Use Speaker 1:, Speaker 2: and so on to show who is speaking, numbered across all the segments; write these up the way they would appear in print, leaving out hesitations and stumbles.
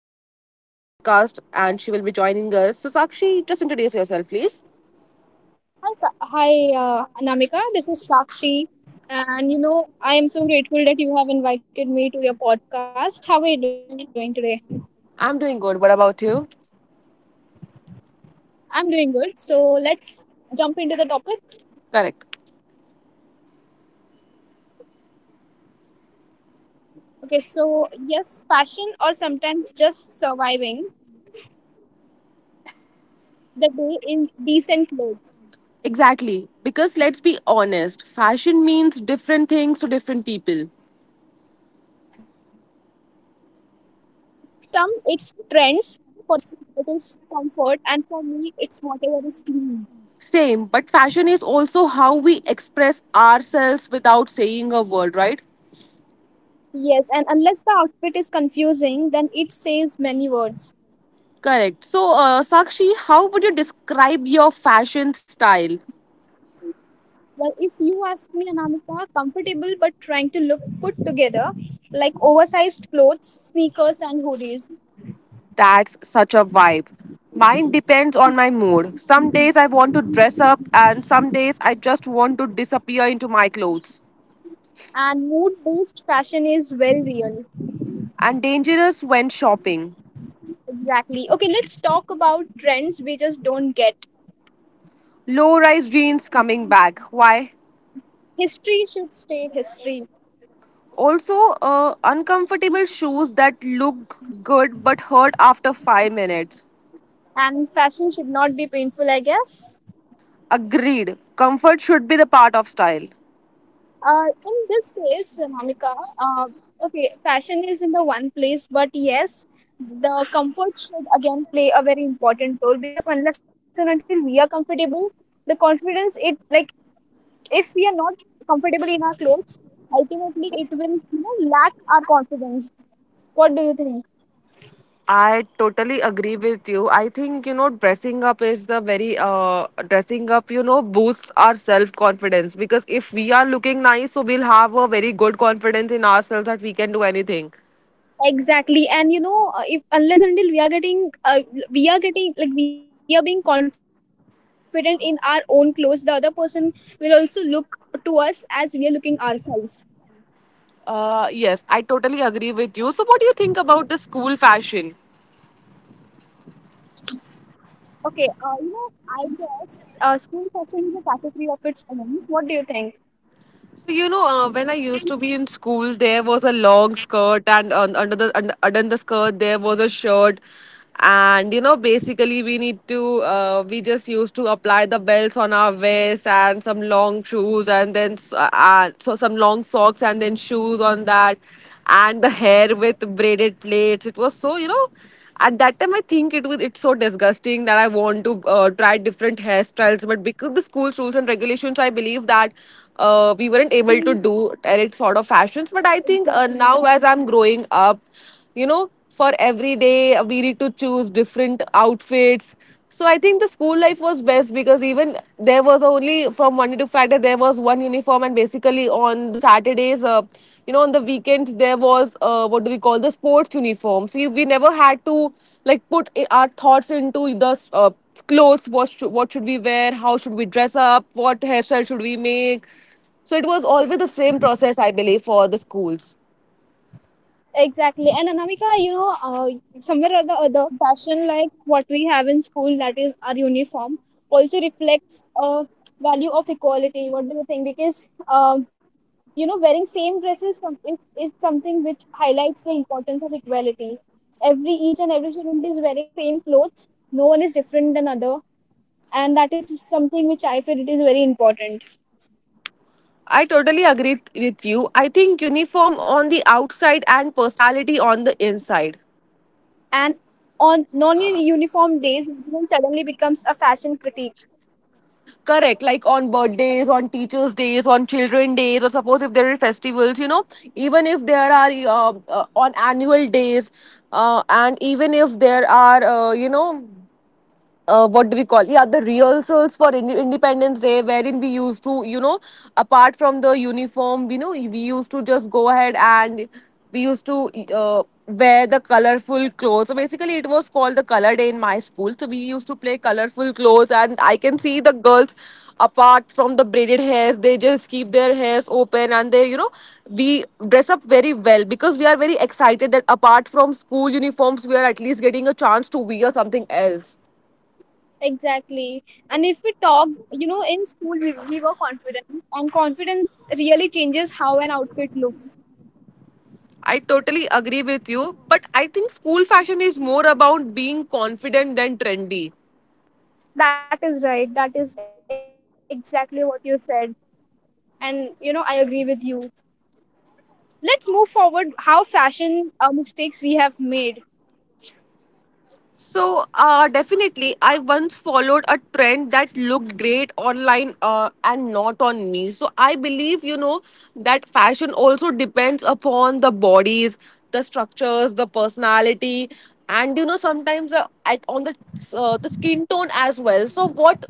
Speaker 1: Sakshi with us onto the podcast, and she will be joining us. So Sakshi, just introduce yourself, please.
Speaker 2: Hi, Namika. This is Sakshi. And I am so grateful that you have invited me to your podcast. How are you doing today?
Speaker 1: I'm doing good. What about you?
Speaker 2: I'm doing good. So let's jump into the topic.
Speaker 1: Correct.
Speaker 2: Okay, so yes, fashion or sometimes just surviving the day in decent clothes.
Speaker 1: Exactly. Because let's be honest, fashion means different things to different people.
Speaker 2: And for some, it's trends. For others, it is comfort. And for me, it's whatever is clean.
Speaker 1: Same, but fashion is also how we express ourselves without saying a word, right?
Speaker 2: Yes, and unless the outfit is confusing, then it says many words.
Speaker 1: Correct. So, Sakshi, how would you describe your fashion style?
Speaker 2: Well, if you ask me, Anamika, comfortable but trying to look put together, like oversized clothes, sneakers, and hoodies.
Speaker 1: That's such a vibe. Mine depends on my mood. Some days I want to dress up, and some days I just want to disappear into my clothes.
Speaker 2: And mood based fashion is very real.
Speaker 1: And dangerous when shopping.
Speaker 2: Exactly. Okay, let's talk about trends we just don't get.
Speaker 1: Low rise jeans coming back. Why?
Speaker 2: History should stay history.
Speaker 1: Also, uncomfortable shoes that look good but hurt after 5 minutes.
Speaker 2: And fashion should not be painful, I guess.
Speaker 1: Agreed. Comfort should be the part of style.
Speaker 2: In this case, Namika, uh, okay, fashion is in the one place, but yes, the comfort should again play a very important role because unless and until we are comfortable, the confidence it like if we are not comfortable in our clothes, ultimately it will lack our confidence. What do you think?
Speaker 1: I totally agree with you. I think you know dressing up is the very dressing up you know boosts our self confidence because if we are looking nice, so we'll have a very good confidence in ourselves that we can do anything.
Speaker 2: Exactly. And if unless until we are getting like we are being confident in our own clothes, the other person will also look to us as we are looking ourselves.
Speaker 1: Yes, I totally agree with you. So what do you think about the school fashion?
Speaker 2: Okay, I guess school fashion is a category of its own. What do you think?
Speaker 1: So you know, when I used to be in school, there was a long skirt, and under the skirt there was a shirt, and you know, basically we need to we just used to apply the belts on our vest and some long shoes, and then some long socks and then shoes on that, and the hair with braided plaits. It was so you know at that time I think it's so disgusting that I want to try different hairstyles, but because of the school's rules and regulations I believe that we
Speaker 2: Hmm.
Speaker 1: weren't able to do any sort of fashions. But I think
Speaker 2: Exactly.
Speaker 1: now as I'm growing up, you know, for every day we need to choose different outfits. So I think the school life was best because even there was only from Monday to Friday there was one uniform, and basically on the Saturdays, you know, on the weekends there was what do we call the sports uniform. So we never had to like put our thoughts into the clothes. What should we wear? How should we dress up? What hairstyle should we make? So it was always the same process, I believe, for the schools.
Speaker 2: Exactly. And Anamika, somewhere or the other, fashion like what we have in school, that is our uniform, also reflects a value of equality. What do you think? Because um, wearing same dresses is something which highlights the importance of equality. Every each and every student is wearing same clothes. No one is different than other. And that is something which I feel it is very important.
Speaker 1: I totally agree with you. I think uniform on the outside and personality on the inside.
Speaker 2: And on non-uniform days, everyone suddenly becomes a fashion critique.
Speaker 1: Correct, like on birthdays, on teachers' days, on children days, or suppose if there are festivals, you know, even if there are on annual days, and even if there are, you know, what do we call, yeah, the rehearsals for independence day wherein we used to, you know, apart from the uniform, you know, we used to just go ahead and we used to wear the colorful clothes. So basically it was called the color day in my school, so we used to play colorful clothes, and I can see the girls apart from the braided hairs they just keep their hairs open, and they you know we dress up very well because we are very excited that apart from school uniforms we are at least getting a chance to wear something else.
Speaker 2: Exactly. And if we talk, in school we were confident, and confidence really changes how an outfit looks.
Speaker 1: I totally agree with you, but I think school fashion is more about being confident than trendy.
Speaker 2: That is right. That is exactly what you said. And, I agree with you. Let's move forward how fashion mistakes we have made.
Speaker 1: So, definitely, I once followed a trend that looked great online and not on me. So, I believe, you know, that fashion also depends upon the bodies, the structures, the personality, and, you know, sometimes the skin tone as well. So, what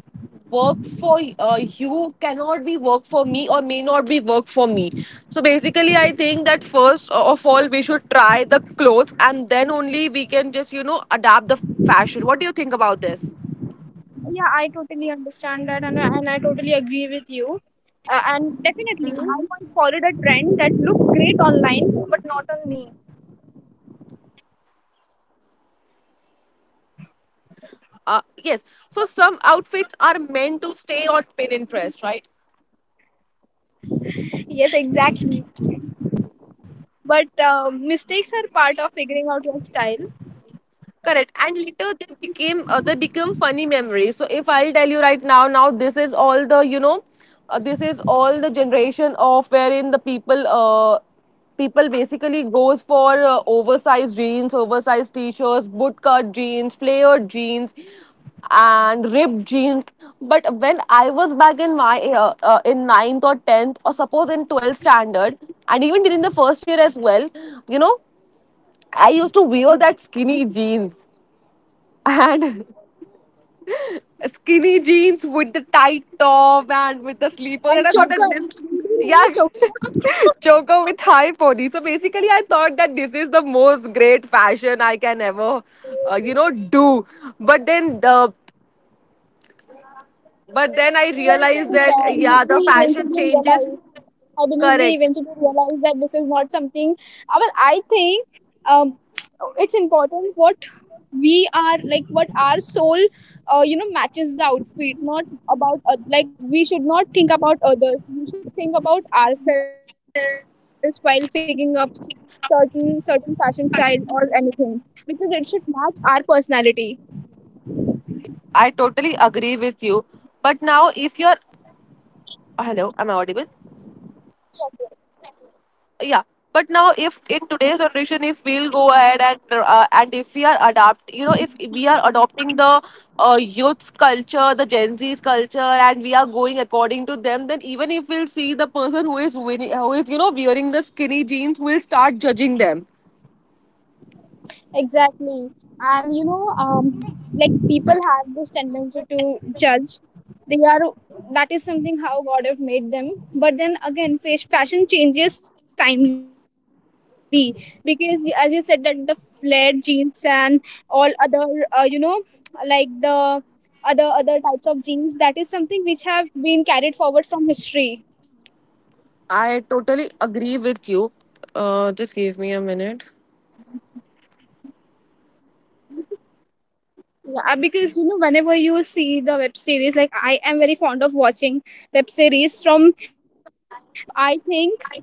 Speaker 1: work for you cannot be work for me or may not be work for me. So basically I think that first of all we should try the clothes and then only we can just you know adapt the fashion. What do you think about this?
Speaker 2: Yeah, I totally understand that, and I totally agree with you. And definitely, I once followed a trend that looked great online, but not on me.
Speaker 1: Uh, yes so some outfits are meant to stay on Pinterest, right?
Speaker 2: Yes, exactly. But mistakes are part of figuring out your style.
Speaker 1: Correct. And later they become funny memories. So if I'll tell you right now, now this is all the, you know, this is all the generation of wherein the people basically goes for oversized jeans, oversized t-shirts, bootcut jeans, flared jeans, and ripped jeans. But when I was back in my in ninth or 10th or suppose in 12th standard, and even during the first year as well, you know, I used to wear that skinny jeans and skinny jeans with the tight top and with the sleeper.
Speaker 2: And
Speaker 1: And I
Speaker 2: so,
Speaker 1: thought that this, yeah,
Speaker 2: so
Speaker 1: choker with high pony. So basically, I thought that this is the most great fashion I can ever, you know, do. But then the, but then I realized
Speaker 2: eventually,
Speaker 1: that,
Speaker 2: you
Speaker 1: yeah, the
Speaker 2: see,
Speaker 1: fashion
Speaker 2: eventually
Speaker 1: changes.
Speaker 2: realize I believe we
Speaker 1: Correct.
Speaker 2: eventually realize that this is not something. Well, I think um, it's important what we are like, what our soul, matches the outfit. Not about like we should not think about others. We should think about ourselves while picking up certain fashion style or anything because it should match our personality.
Speaker 1: I totally agree with you. But now, if you're, hello, am I audible? Yeah, but now if in today's generation if we'll go ahead and and if we are adapt you know if we are adopting the youth's culture, the gen z's culture, and we are going according to them, then even if we'll see the person who is wearing, who is you know wearing the skinny jeans, we will start judging them.
Speaker 2: Exactly. And like people have this tendency to judge. They are That is something how God have made them. But then again, fashion changes timely because as you said that the flared jeans and all other, uh, you know, the other types of jeans that is something which have been carried forward from history.
Speaker 1: I totally agree with you. Just give me a minute.
Speaker 2: Yeah, because whenever you see the web series, like I am very fond of watching web series from nineties and from in 2000s. So I think,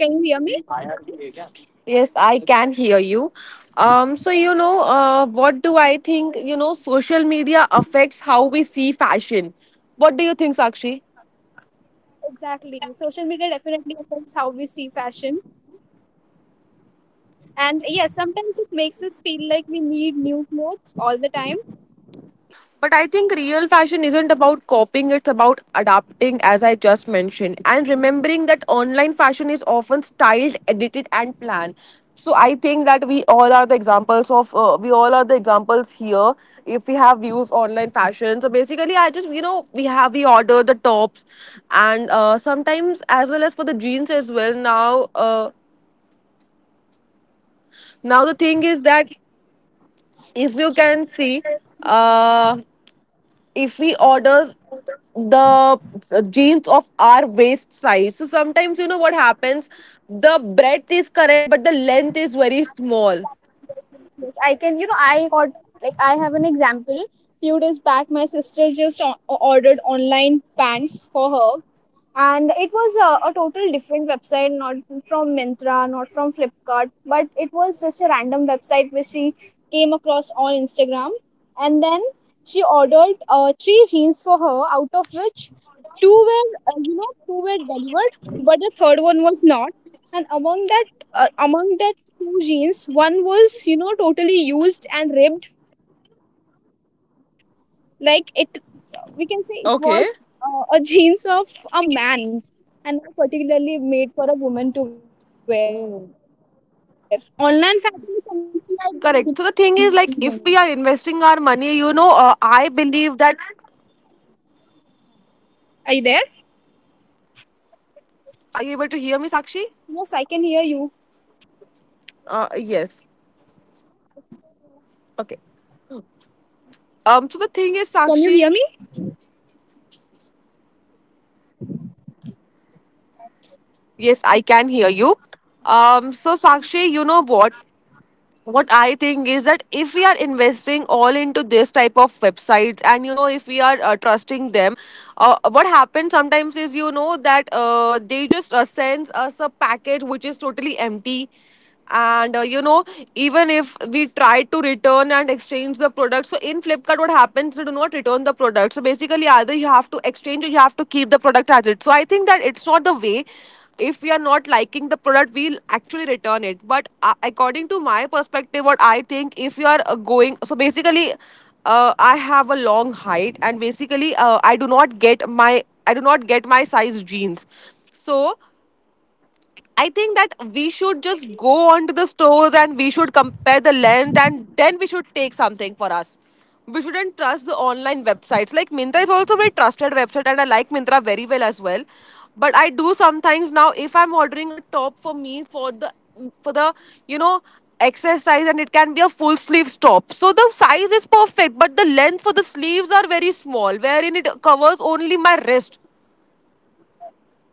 Speaker 2: can you hear me?
Speaker 1: Yes, I can hear you. So you know, what do I think? You know, social media affects how we see fashion. What do you think, Sakshi?
Speaker 2: Exactly. Social media definitely affects how we see fashion, and yeah, sometimes it makes us feel like we need new clothes all the time.
Speaker 1: But I think real fashion isn't about copying, it's about adapting, as I just mentioned, and remembering that online fashion is often styled, edited, and planned. So I think that we all are the examples of we all are the examples here. If we have views online fashion, so basically I just you know we order the tops, and sometimes as well as for the jeans as well. Now now the thing is that if you can see uh if we order the jeans of our waist size, so sometimes you know what happens, the breadth is correct but the length is very small.
Speaker 2: Like, I can, you know, I got I have an example. Few days back, my sister just ordered online pants for her, and it was a total different website, not from Mintra, not from Flipkart, but it was just a random website which she came across on Instagram. And then she ordered three jeans for her, out of which two were delivered, but the third one was not. And among that two jeans, one was totally used and ripped. Like it, we can say it was a
Speaker 1: Okay.
Speaker 2: jeans of a man and not particularly made for a woman to wear. So online fashion is something
Speaker 1: Correct,
Speaker 2: I
Speaker 1: so the
Speaker 2: don't
Speaker 1: thing is
Speaker 2: believe
Speaker 1: like
Speaker 2: in.
Speaker 1: if we are investing our money, you know, I believe that,
Speaker 2: Are you there?
Speaker 1: are you able to hear me, Sakshi?
Speaker 2: Yes, I can hear you.
Speaker 1: Yes. Okay, um, so the thing is,
Speaker 2: Can you hear
Speaker 1: Sakshi.
Speaker 2: me?
Speaker 1: Yes, I can hear you. Um, so Sakshi, you know what, what I think is that if we are investing all into this type of websites, and you know if we are trusting them, what happens, they just sends us a package which is totally empty. And you know, even if we try to return and exchange the product, so in Flipkart what happens, you do not return the product, so basically either you have to exchange or you have to keep the product as it. So I think that it's not the way. If we are not liking the product, we'll actually return it. But according to my perspective what I think, if you are going, so basically I have a long height, and basically I do not get my size jeans. So I think that we should just go on to the stores and we should compare the length and then we should take something for us. We shouldn't trust the online websites. Like Mintra is also a very trusted website and I like Mintra very well as well. But I do sometimes, now if I'm ordering a top for me for the you know exercise, and it can be a full sleeve top. So the size is perfect but the length for the sleeves are very small wherein it covers only my wrist.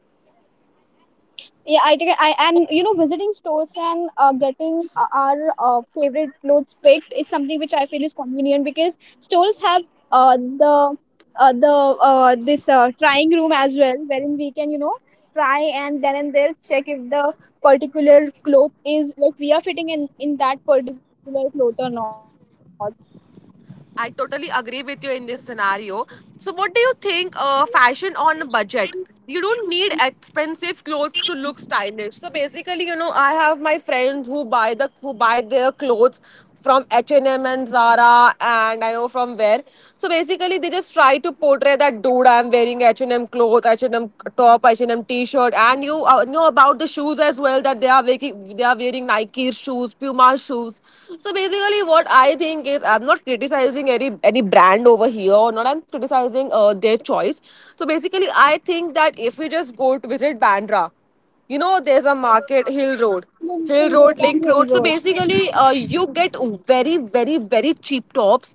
Speaker 2: Yeah, I think I and you know visiting stores and getting our favorite clothes picked is something which I feel is convenient because stores have uh, the the this trying room as well wherein we can try and then and there check if the particular cloth is like we are fitting in that particular cloth or not.
Speaker 1: I totally agree with you in this scenario. So, what do you think? Fashion on a budget. You don't need expensive clothes to look stylish. So basically, you know, I have my friends who buy their clothes from H&M and Zara and I know from where. So basically, they just try to portray that, dude, I'm wearing H&M clothes, H&M top, H&M T-shirt, and you know about the shoes as well, that they are wearing Nike shoes, Puma shoes. So basically, what I think is I'm not criticizing any brand over here, or not I'm criticizing their choice. So basically, I think that if we just go to visit Bandra, you know, there's a market, Hill Road.
Speaker 2: Lincoln Road
Speaker 1: Hill
Speaker 2: and
Speaker 1: Road,
Speaker 2: Hill
Speaker 1: Link
Speaker 2: Road.
Speaker 1: Road. So basically, you get very cheap tops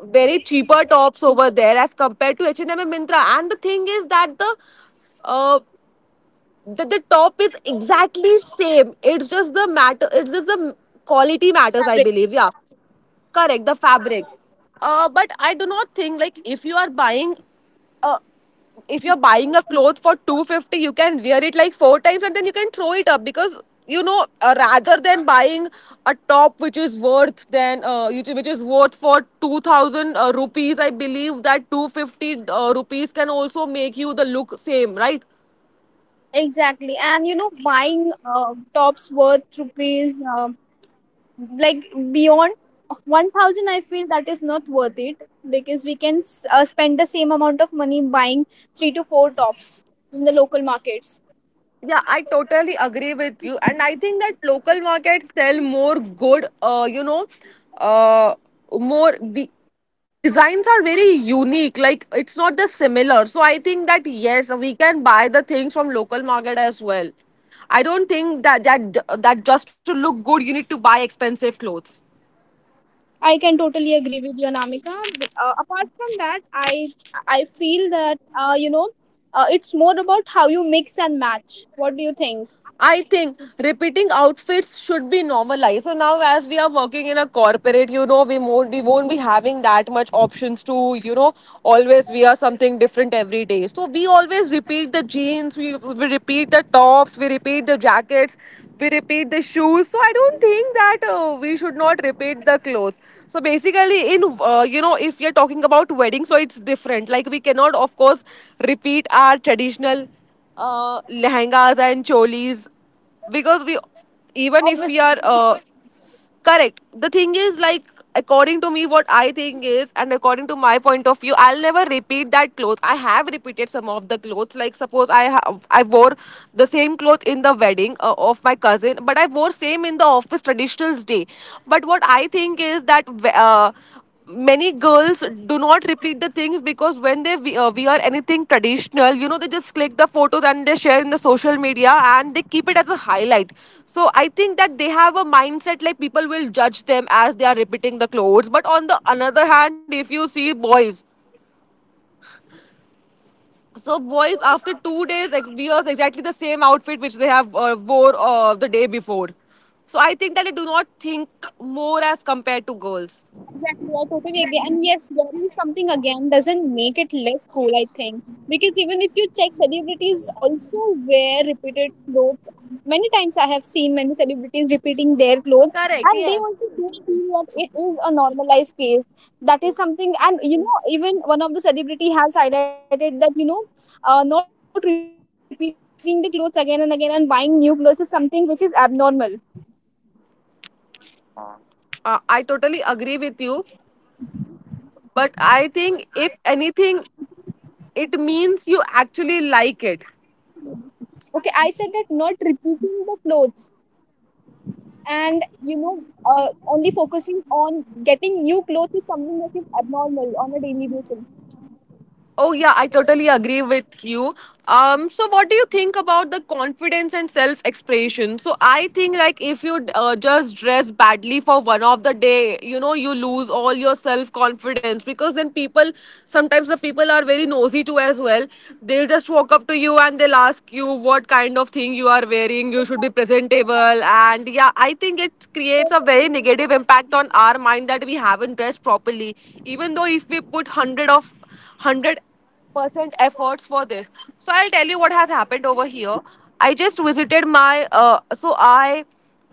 Speaker 1: very cheaper tops over there as compared to H&M and Mintra. And Myntra. And the thing is that uh, the top is exactly same. It's just the quality matters,
Speaker 2: Fabric.
Speaker 1: I believe. Yeah, correct, the fabric. But I do not think, like, if you are buying uh, if you're buying a cloth for 250, you can wear it like four times and then you can throw it up. Because rather than buying a top which is worth then which is worth for 2000 rupees, I believe that 250 rupees can also make you the look same, right?
Speaker 2: Exactly. And buying tops worth rupees like beyond 1,000, I feel that is not worth it because we can spend the same amount of money buying 3 to 4 tops in the local markets.
Speaker 1: Yeah, I totally agree with you, and I think that local markets sell more good. Uh, the designs are very unique. Like it's not the similar. So I think that yes, we can buy the things from local market as well. I don't think that just to look good, you need to buy expensive clothes.
Speaker 2: I can totally agree with you, Anamika. But, apart from that, i I feel that uh, you know it's more about how you mix and match. What do you think?
Speaker 1: I think repeating outfits should be normalized. So now, as we are working in a corporate, you know, we won't be having that much options to, you know, always wear something different every day. So we always repeat the jeans, we repeat the tops, we repeat the jackets, we repeat the shoes. So I don't think that we should not repeat the clothes. So basically, in you know, if you're talking about wedding, so it's different. Like we cannot, of course, repeat our traditional lehengas and cholis, because we, even if we are correct, the thing is, like, according to me, what I think is, and according to my point of view, I'll never repeat that clothes. I have repeated some of the clothes, like suppose I wore the same cloth in the wedding of my cousin, but I wore same in the office traditionals day. But what I think is that uh, many girls do not repeat the things, because when they wear anything traditional, you know, they just click the photos and they share in the social media and they keep it as a highlight. So I think that they have a mindset like people will judge them as they are repeating the clothes. But on the another hand, if you see boys, so boys after 2 days wears exactly the same outfit which they have wore the day before. So I think that they do not think more as compared to girls.
Speaker 2: Exactly, I totally agree. And yes, wearing something again doesn't make it less cool, I think. Because even if you check, celebrities also wear repeated clothes. Many times I have seen many celebrities repeating their clothes, and they also do feel that it is a normalized case. That is something. And even one of the celebrity has highlighted that not repeating the clothes again and again and buying new clothes is something which is abnormal.
Speaker 1: I totally agree with you. But I think if anything, it means you actually like it.
Speaker 2: Okay, I said that not repeating the clothes, and only focusing on getting new clothes is something that is abnormal on a daily basis.
Speaker 1: Oh yeah, I totally agree with you. So what do you think about the confidence and self-expression? So I think, like, if you just dress badly for one of the day, you know, you lose all your self-confidence, because then people, sometimes the people are very nosy too as well. They'll just walk up to you and they'll ask you what kind of thing you are wearing. You should be presentable, and yeah, I think it creates a very negative impact on our mind that we haven't dressed properly. Even though if we put hundred of 100 percent efforts for this. So I'll tell you what has happened over here. I just visited my so I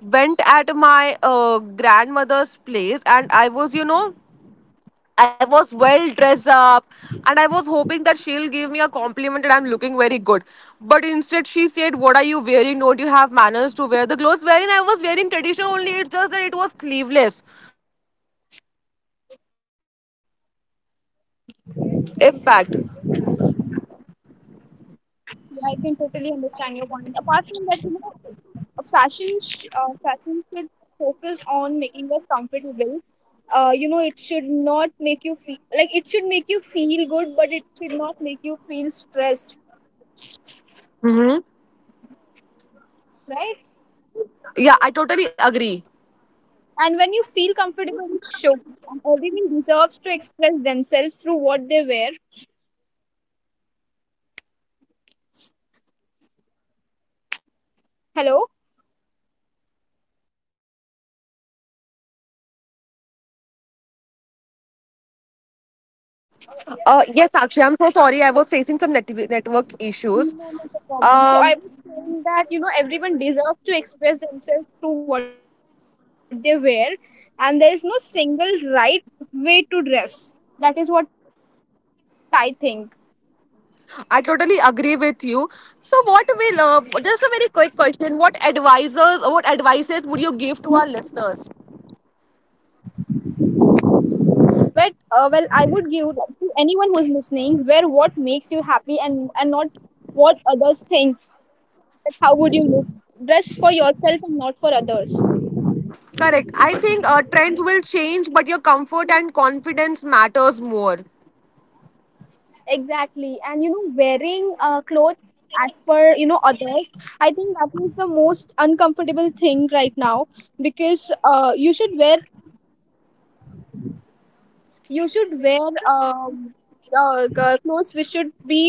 Speaker 1: went at my grandmother's place, and I was, you know, I was well dressed up, and I was hoping that she'll give me a compliment that I'm looking very good. But instead, she said, what are you wearing? Don't you have manners to wear the clothes wearing? I was wearing traditional only. It's just that it was sleeveless. Impact.
Speaker 2: Yeah, I can totally understand your point. Apart from that, fashion should focus on making us comfortable. It should not make you feel like it should make you feel good, but it should not make you feel stressed,
Speaker 1: Mm-hmm.
Speaker 2: right?
Speaker 1: Yeah, I totally agree.
Speaker 2: And when you feel comfortable, it shows. And everyone deserves to express themselves through what they wear. Hello?
Speaker 1: Yes, actually, I'm so sorry. I was facing some network issues.
Speaker 2: None of a problem. So I
Speaker 1: Um,
Speaker 2: was saying that everyone deserves to express themselves through what they wear, and there is no single right way to dress. That is what I think.
Speaker 1: I totally agree with you. So, what will, just a very quick question, what advisors or what advices would you give to our listeners?
Speaker 2: But well, I would give, like, to anyone who is listening, wear what makes you happy and not what others think. That how would you look? Dress for yourself and not for others.
Speaker 1: Correct. I think trends will change, but your comfort and confidence matters more.
Speaker 2: Exactly. And wearing clothes as per, others, I think that is the most uncomfortable thing right now because you should wear clothes which should be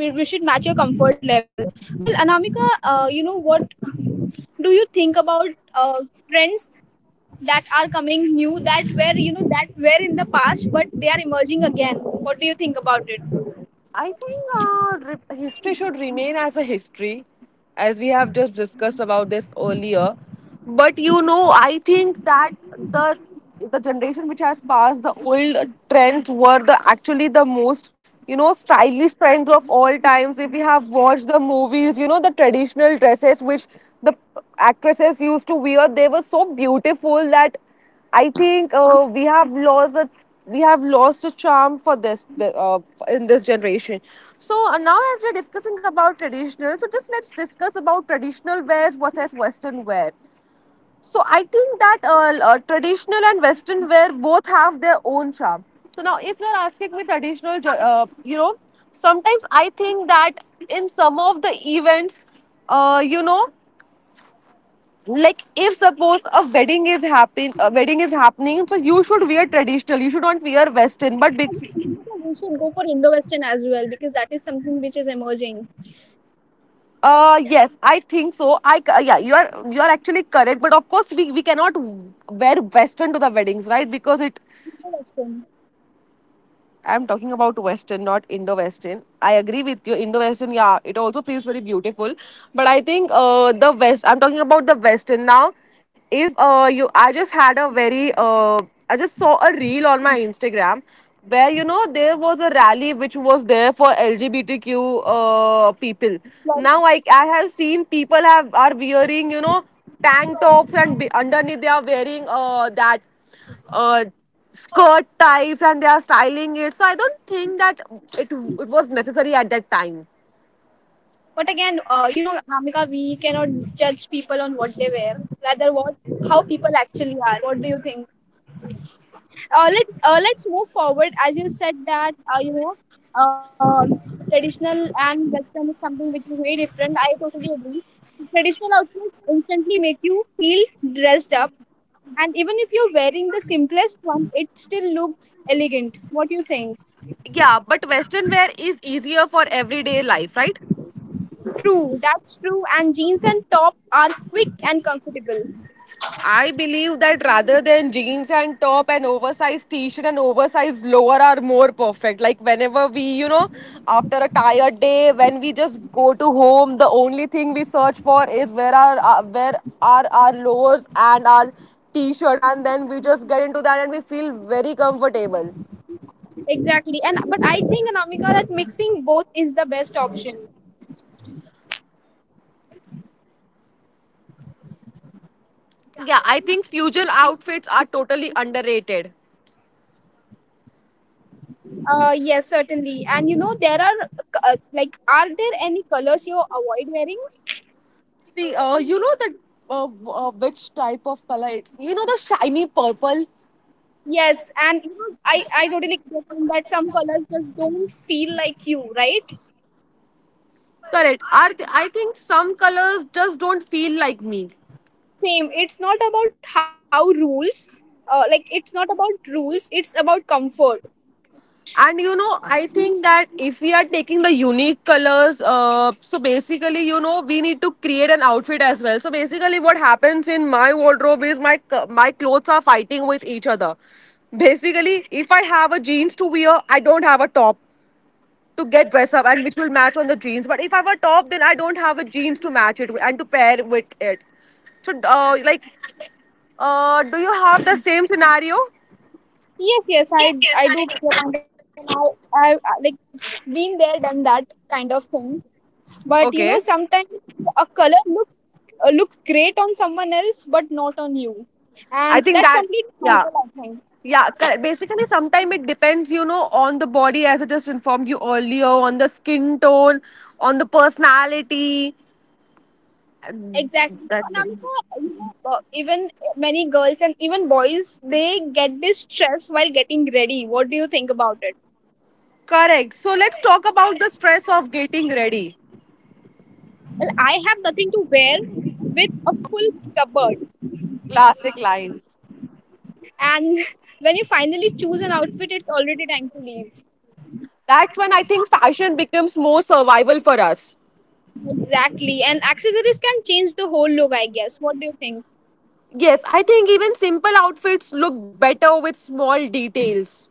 Speaker 2: which should match your comfort level. Well, Anamika, what do you think about uh, trends that are coming new that were in the past but they are emerging again? What do you think about it?
Speaker 1: I think history should remain as a history, as we have just discussed about this earlier. But you know, I think that the the generation which has passed, the old trends were the actually the most, you know, stylish trends of all times. If we have watched the movies, you know the traditional dresses which the actresses used to wear, they were so beautiful that I think we have lost a charm for in this generation. So now, as we're discussing about traditional, so just let's discuss about traditional wear versus Western wear. So I think that traditional and Western wear both have their own charm. So now, if you're asking me traditional, uh, you know, sometimes I think that in some of the events, uh, you know, like if suppose a wedding is happening, so you should wear traditional, you should not wear western. But big,
Speaker 2: We should go for Indo Western as well because that is something which is emerging.
Speaker 1: yes, I think so. Yeah, you are actually correct. But of course, we cannot wear western to the weddings, right? Because it,
Speaker 2: Indo-Western.
Speaker 1: I'm talking about Western, not Indo Western. I agree with you. Indo Western, yeah, it also feels very beautiful. But I think I'm talking about the Western now. If I just had a very, I just saw a reel on my Instagram where, you know, there was a rally which was there for LGBTQ people. Now
Speaker 2: Plus,
Speaker 1: I have seen people have are wearing, you know, tank tops and underneath they are wearing that uh, skirt types and they are styling it. So I don't think that it was necessary at that time.
Speaker 2: but again, Amika, we cannot judge people on what they wear, rather what how people actually are. What do you think? Let's move forward. As you said that uh, traditional and western is something which is very different. I totally agree. Traditional outfits instantly make you feel dressed up. And even if you're wearing the simplest one, it still looks elegant. What do you think?
Speaker 1: Yeah, but Western wear is easier for everyday life, right?
Speaker 2: True, that's true. And jeans and top are quick and comfortable.
Speaker 1: I believe that rather than jeans and top, and oversized t-shirt and oversized lower are more perfect. Like whenever we, you know, after a tired day, when we just go to home, the only thing we search for is where are our lowers and our t-shirt, and then we just get into that and we feel very comfortable.
Speaker 2: Exactly. And but I think Anamika that mixing both is the best option.
Speaker 1: Yeah, I think fusion outfits are totally underrated.
Speaker 2: Yes, certainly. And there are like are there any colors you avoid wearing?
Speaker 1: See, you know that uh, which type of color it's. You know, the shiny purple.
Speaker 2: Yes, and I totally get on that some colors just don't feel like you, right?
Speaker 1: Correct. I think some colors just don't feel like me.
Speaker 2: Same. It's not about rules. It's about comfort.
Speaker 1: And you know, I think that if we are taking the unique colors, so basically, you know, we need to create an outfit as well. So basically, what happens in my wardrobe is my clothes are fighting with each other. Basically, if I have a jeans to wear, I don't have a top to get dressed up and which will match on the jeans. But if I have a top, then I don't have a jeans to match it with and to pair with it. So, do you have the same scenario?
Speaker 2: Yes, yes, I do get it, and like been there, done that kind of thing. But
Speaker 1: Okay.
Speaker 2: sometimes a color looks great on someone else, but not on you,
Speaker 1: I
Speaker 2: and
Speaker 1: think
Speaker 2: that's
Speaker 1: that,
Speaker 2: completely
Speaker 1: yeah.
Speaker 2: normal. I think
Speaker 1: Yeah, correct. Basically, sometimes it depends, you know, on the body, as I just informed you earlier, on the skin tone, on the personality.
Speaker 2: exactly. And
Speaker 1: That's it.
Speaker 2: I'm sure, even many girls and even boys they get this stress while getting ready. What do you think about it?
Speaker 1: Correct. So let's talk about the stress of getting ready.
Speaker 2: Well, I have nothing to wear with a full cupboard.
Speaker 1: Classic lines.
Speaker 2: And when you finally choose an outfit, it's already time to leave.
Speaker 1: That's when I think fashion becomes more survival for us.
Speaker 2: Exactly. And accessories can change the whole look, I guess. What do you think?
Speaker 1: Yes, I think even simple outfits look better with small details.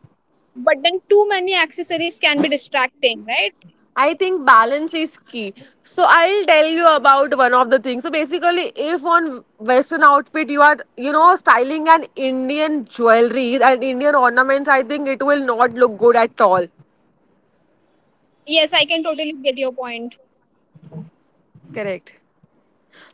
Speaker 2: But then too many accessories can be distracting, right?
Speaker 1: I think balance is key. So I'll tell you about one of the things. So basically, if on Western outfit you are, you know, styling an Indian jewelry and Indian ornaments, I think it will not look good at all.
Speaker 2: Yes, I can totally get your point.
Speaker 1: Correct.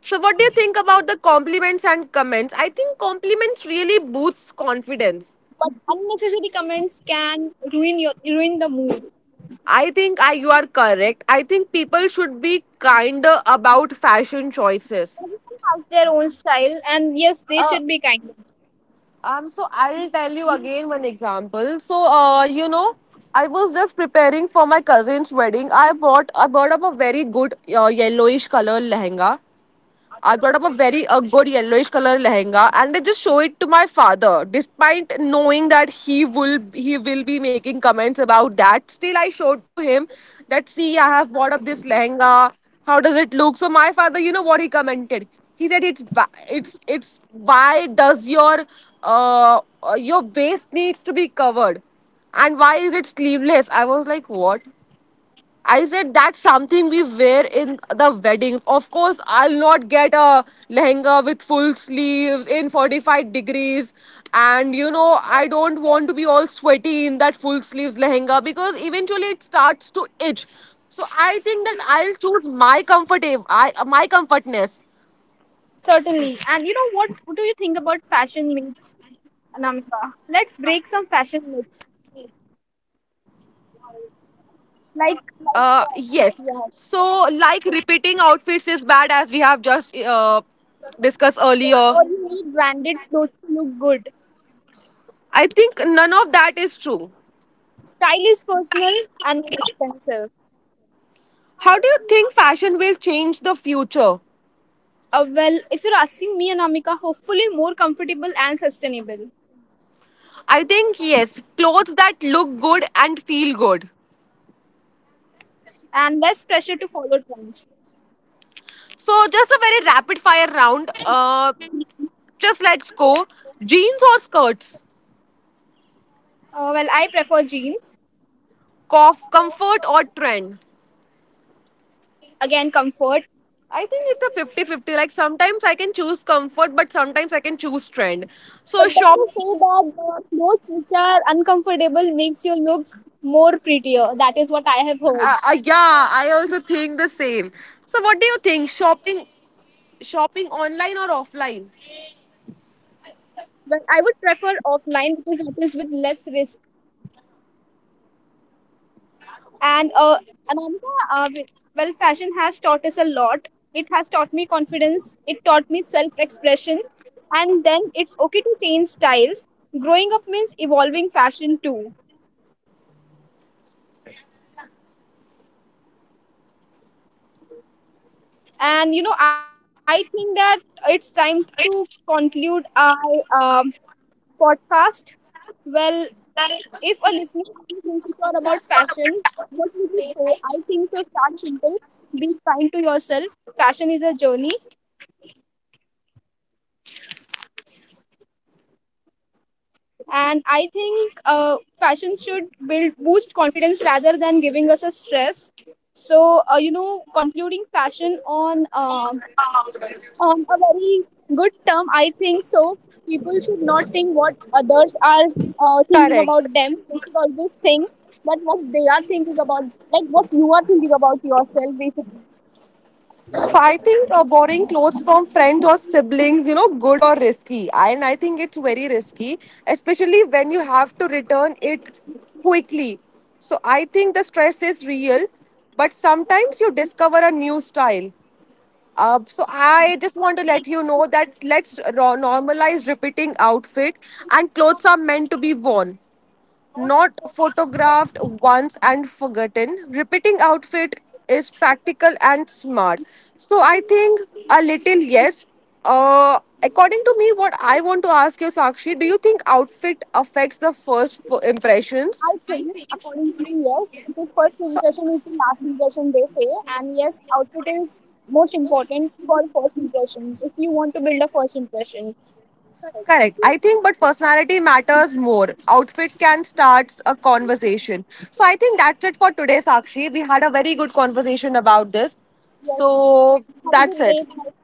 Speaker 1: So what do you think about the compliments and comments? I think compliments really boosts confidence.
Speaker 2: But unnecessary comments can ruin the mood.
Speaker 1: I think I, you are correct. I think people should be kinder about fashion choices.
Speaker 2: Everyone has their own style, and yes,
Speaker 1: Uh,
Speaker 2: they should be kind.
Speaker 1: so I will tell you again one example. So, I was just preparing for my cousin's wedding. I bought up a very good yellowish color lehenga. I got up a very a good yellowish color lehenga, and I just show it to my father, despite knowing that he will be making comments about that. Still, I showed to him that see, I have bought up this lehenga. How does it look? So my father, you know what he commented? He said it's, why does your waist needs to be covered, and why is it sleeveless? I was like, what? I said that's something we wear in the weddings. Of course, I'll not get a lehenga with full sleeves in 45 degrees. And you know, I don't want to be all sweaty in that full sleeves lehenga, because eventually it starts to itch. So I think that I'll choose my comfortable, my comfortness.
Speaker 2: Certainly. And you know what? What do you think about fashion myths, Anamika? Let's break some fashion myths. Like, like
Speaker 1: Yes.
Speaker 2: uh,
Speaker 1: So,
Speaker 2: yeah,
Speaker 1: like, repeating outfits is bad, as we have just discussed earlier.
Speaker 2: therefore you need branded clothes to look good.
Speaker 1: I think none of that is true.
Speaker 2: Style is personal and not expensive.
Speaker 1: How do you think fashion will change the future?
Speaker 2: Well, if you're asking me, Anamika, hopefully more comfortable and sustainable,
Speaker 1: I think yes, clothes that look good and feel good.
Speaker 2: and less pressure to follow trends.
Speaker 1: So just a very rapid fire round. Just let's go. Jeans or skirts?
Speaker 2: Well, I prefer jeans.
Speaker 1: Comfort or trend?
Speaker 2: Again, comfort.
Speaker 1: I think it's a 50-50. Like sometimes I can choose comfort, but sometimes I can choose trend.
Speaker 2: But
Speaker 1: So
Speaker 2: then
Speaker 1: shop.
Speaker 2: they say that the clothes which are uncomfortable makes you look more prettier. That is what I have heard.
Speaker 1: Yeah, I also think the same. So what do you think? Shopping online or offline?
Speaker 2: But I would prefer offline because that is with less risk. And Anamika, well, fashion has taught us a lot. It has taught me confidence. It taught me self-expression, and then it's okay to change styles. Growing up means evolving fashion too. And I think that it's time to conclude our podcast. Well, if a listener feels insecure about fashion, what would you say? I think so. Start simple. Be kind to yourself. Fashion is a journey, and I think fashion should build boost confidence rather than giving us a stress. So concluding fashion on a very good term, I think so. People should not think what others are thinking about
Speaker 1: Correct.
Speaker 2: them. They should always think that what they are thinking about, like what you are thinking about yourself basically.
Speaker 1: So I think borrowing clothes from friends or siblings, you know, good or risky. And I think it's very risky, especially when you have to return it quickly. So I think the stress is real, but sometimes you discover a new style. So I just want to let you know that let's normalize repeating outfit, and clothes are meant to be worn, not photographed once and forgotten. Repeating outfit is practical and smart. So I think a little yes. According to me, what I want to ask you, Sakshi, do you think outfit affects the impressions?
Speaker 2: I think, according to me, yes, because first
Speaker 1: So,
Speaker 2: impression is the last impression, they say. And yes, outfit is most important for first impression. If you want to build a first impression. Correct.
Speaker 1: correct. I think, but personality matters more. Outfit can start a conversation. So I think that's it for today, Sakshi. We had a very good conversation about this.
Speaker 2: Yes.
Speaker 1: So
Speaker 2: Have a
Speaker 1: that's
Speaker 2: good
Speaker 1: it.
Speaker 2: day.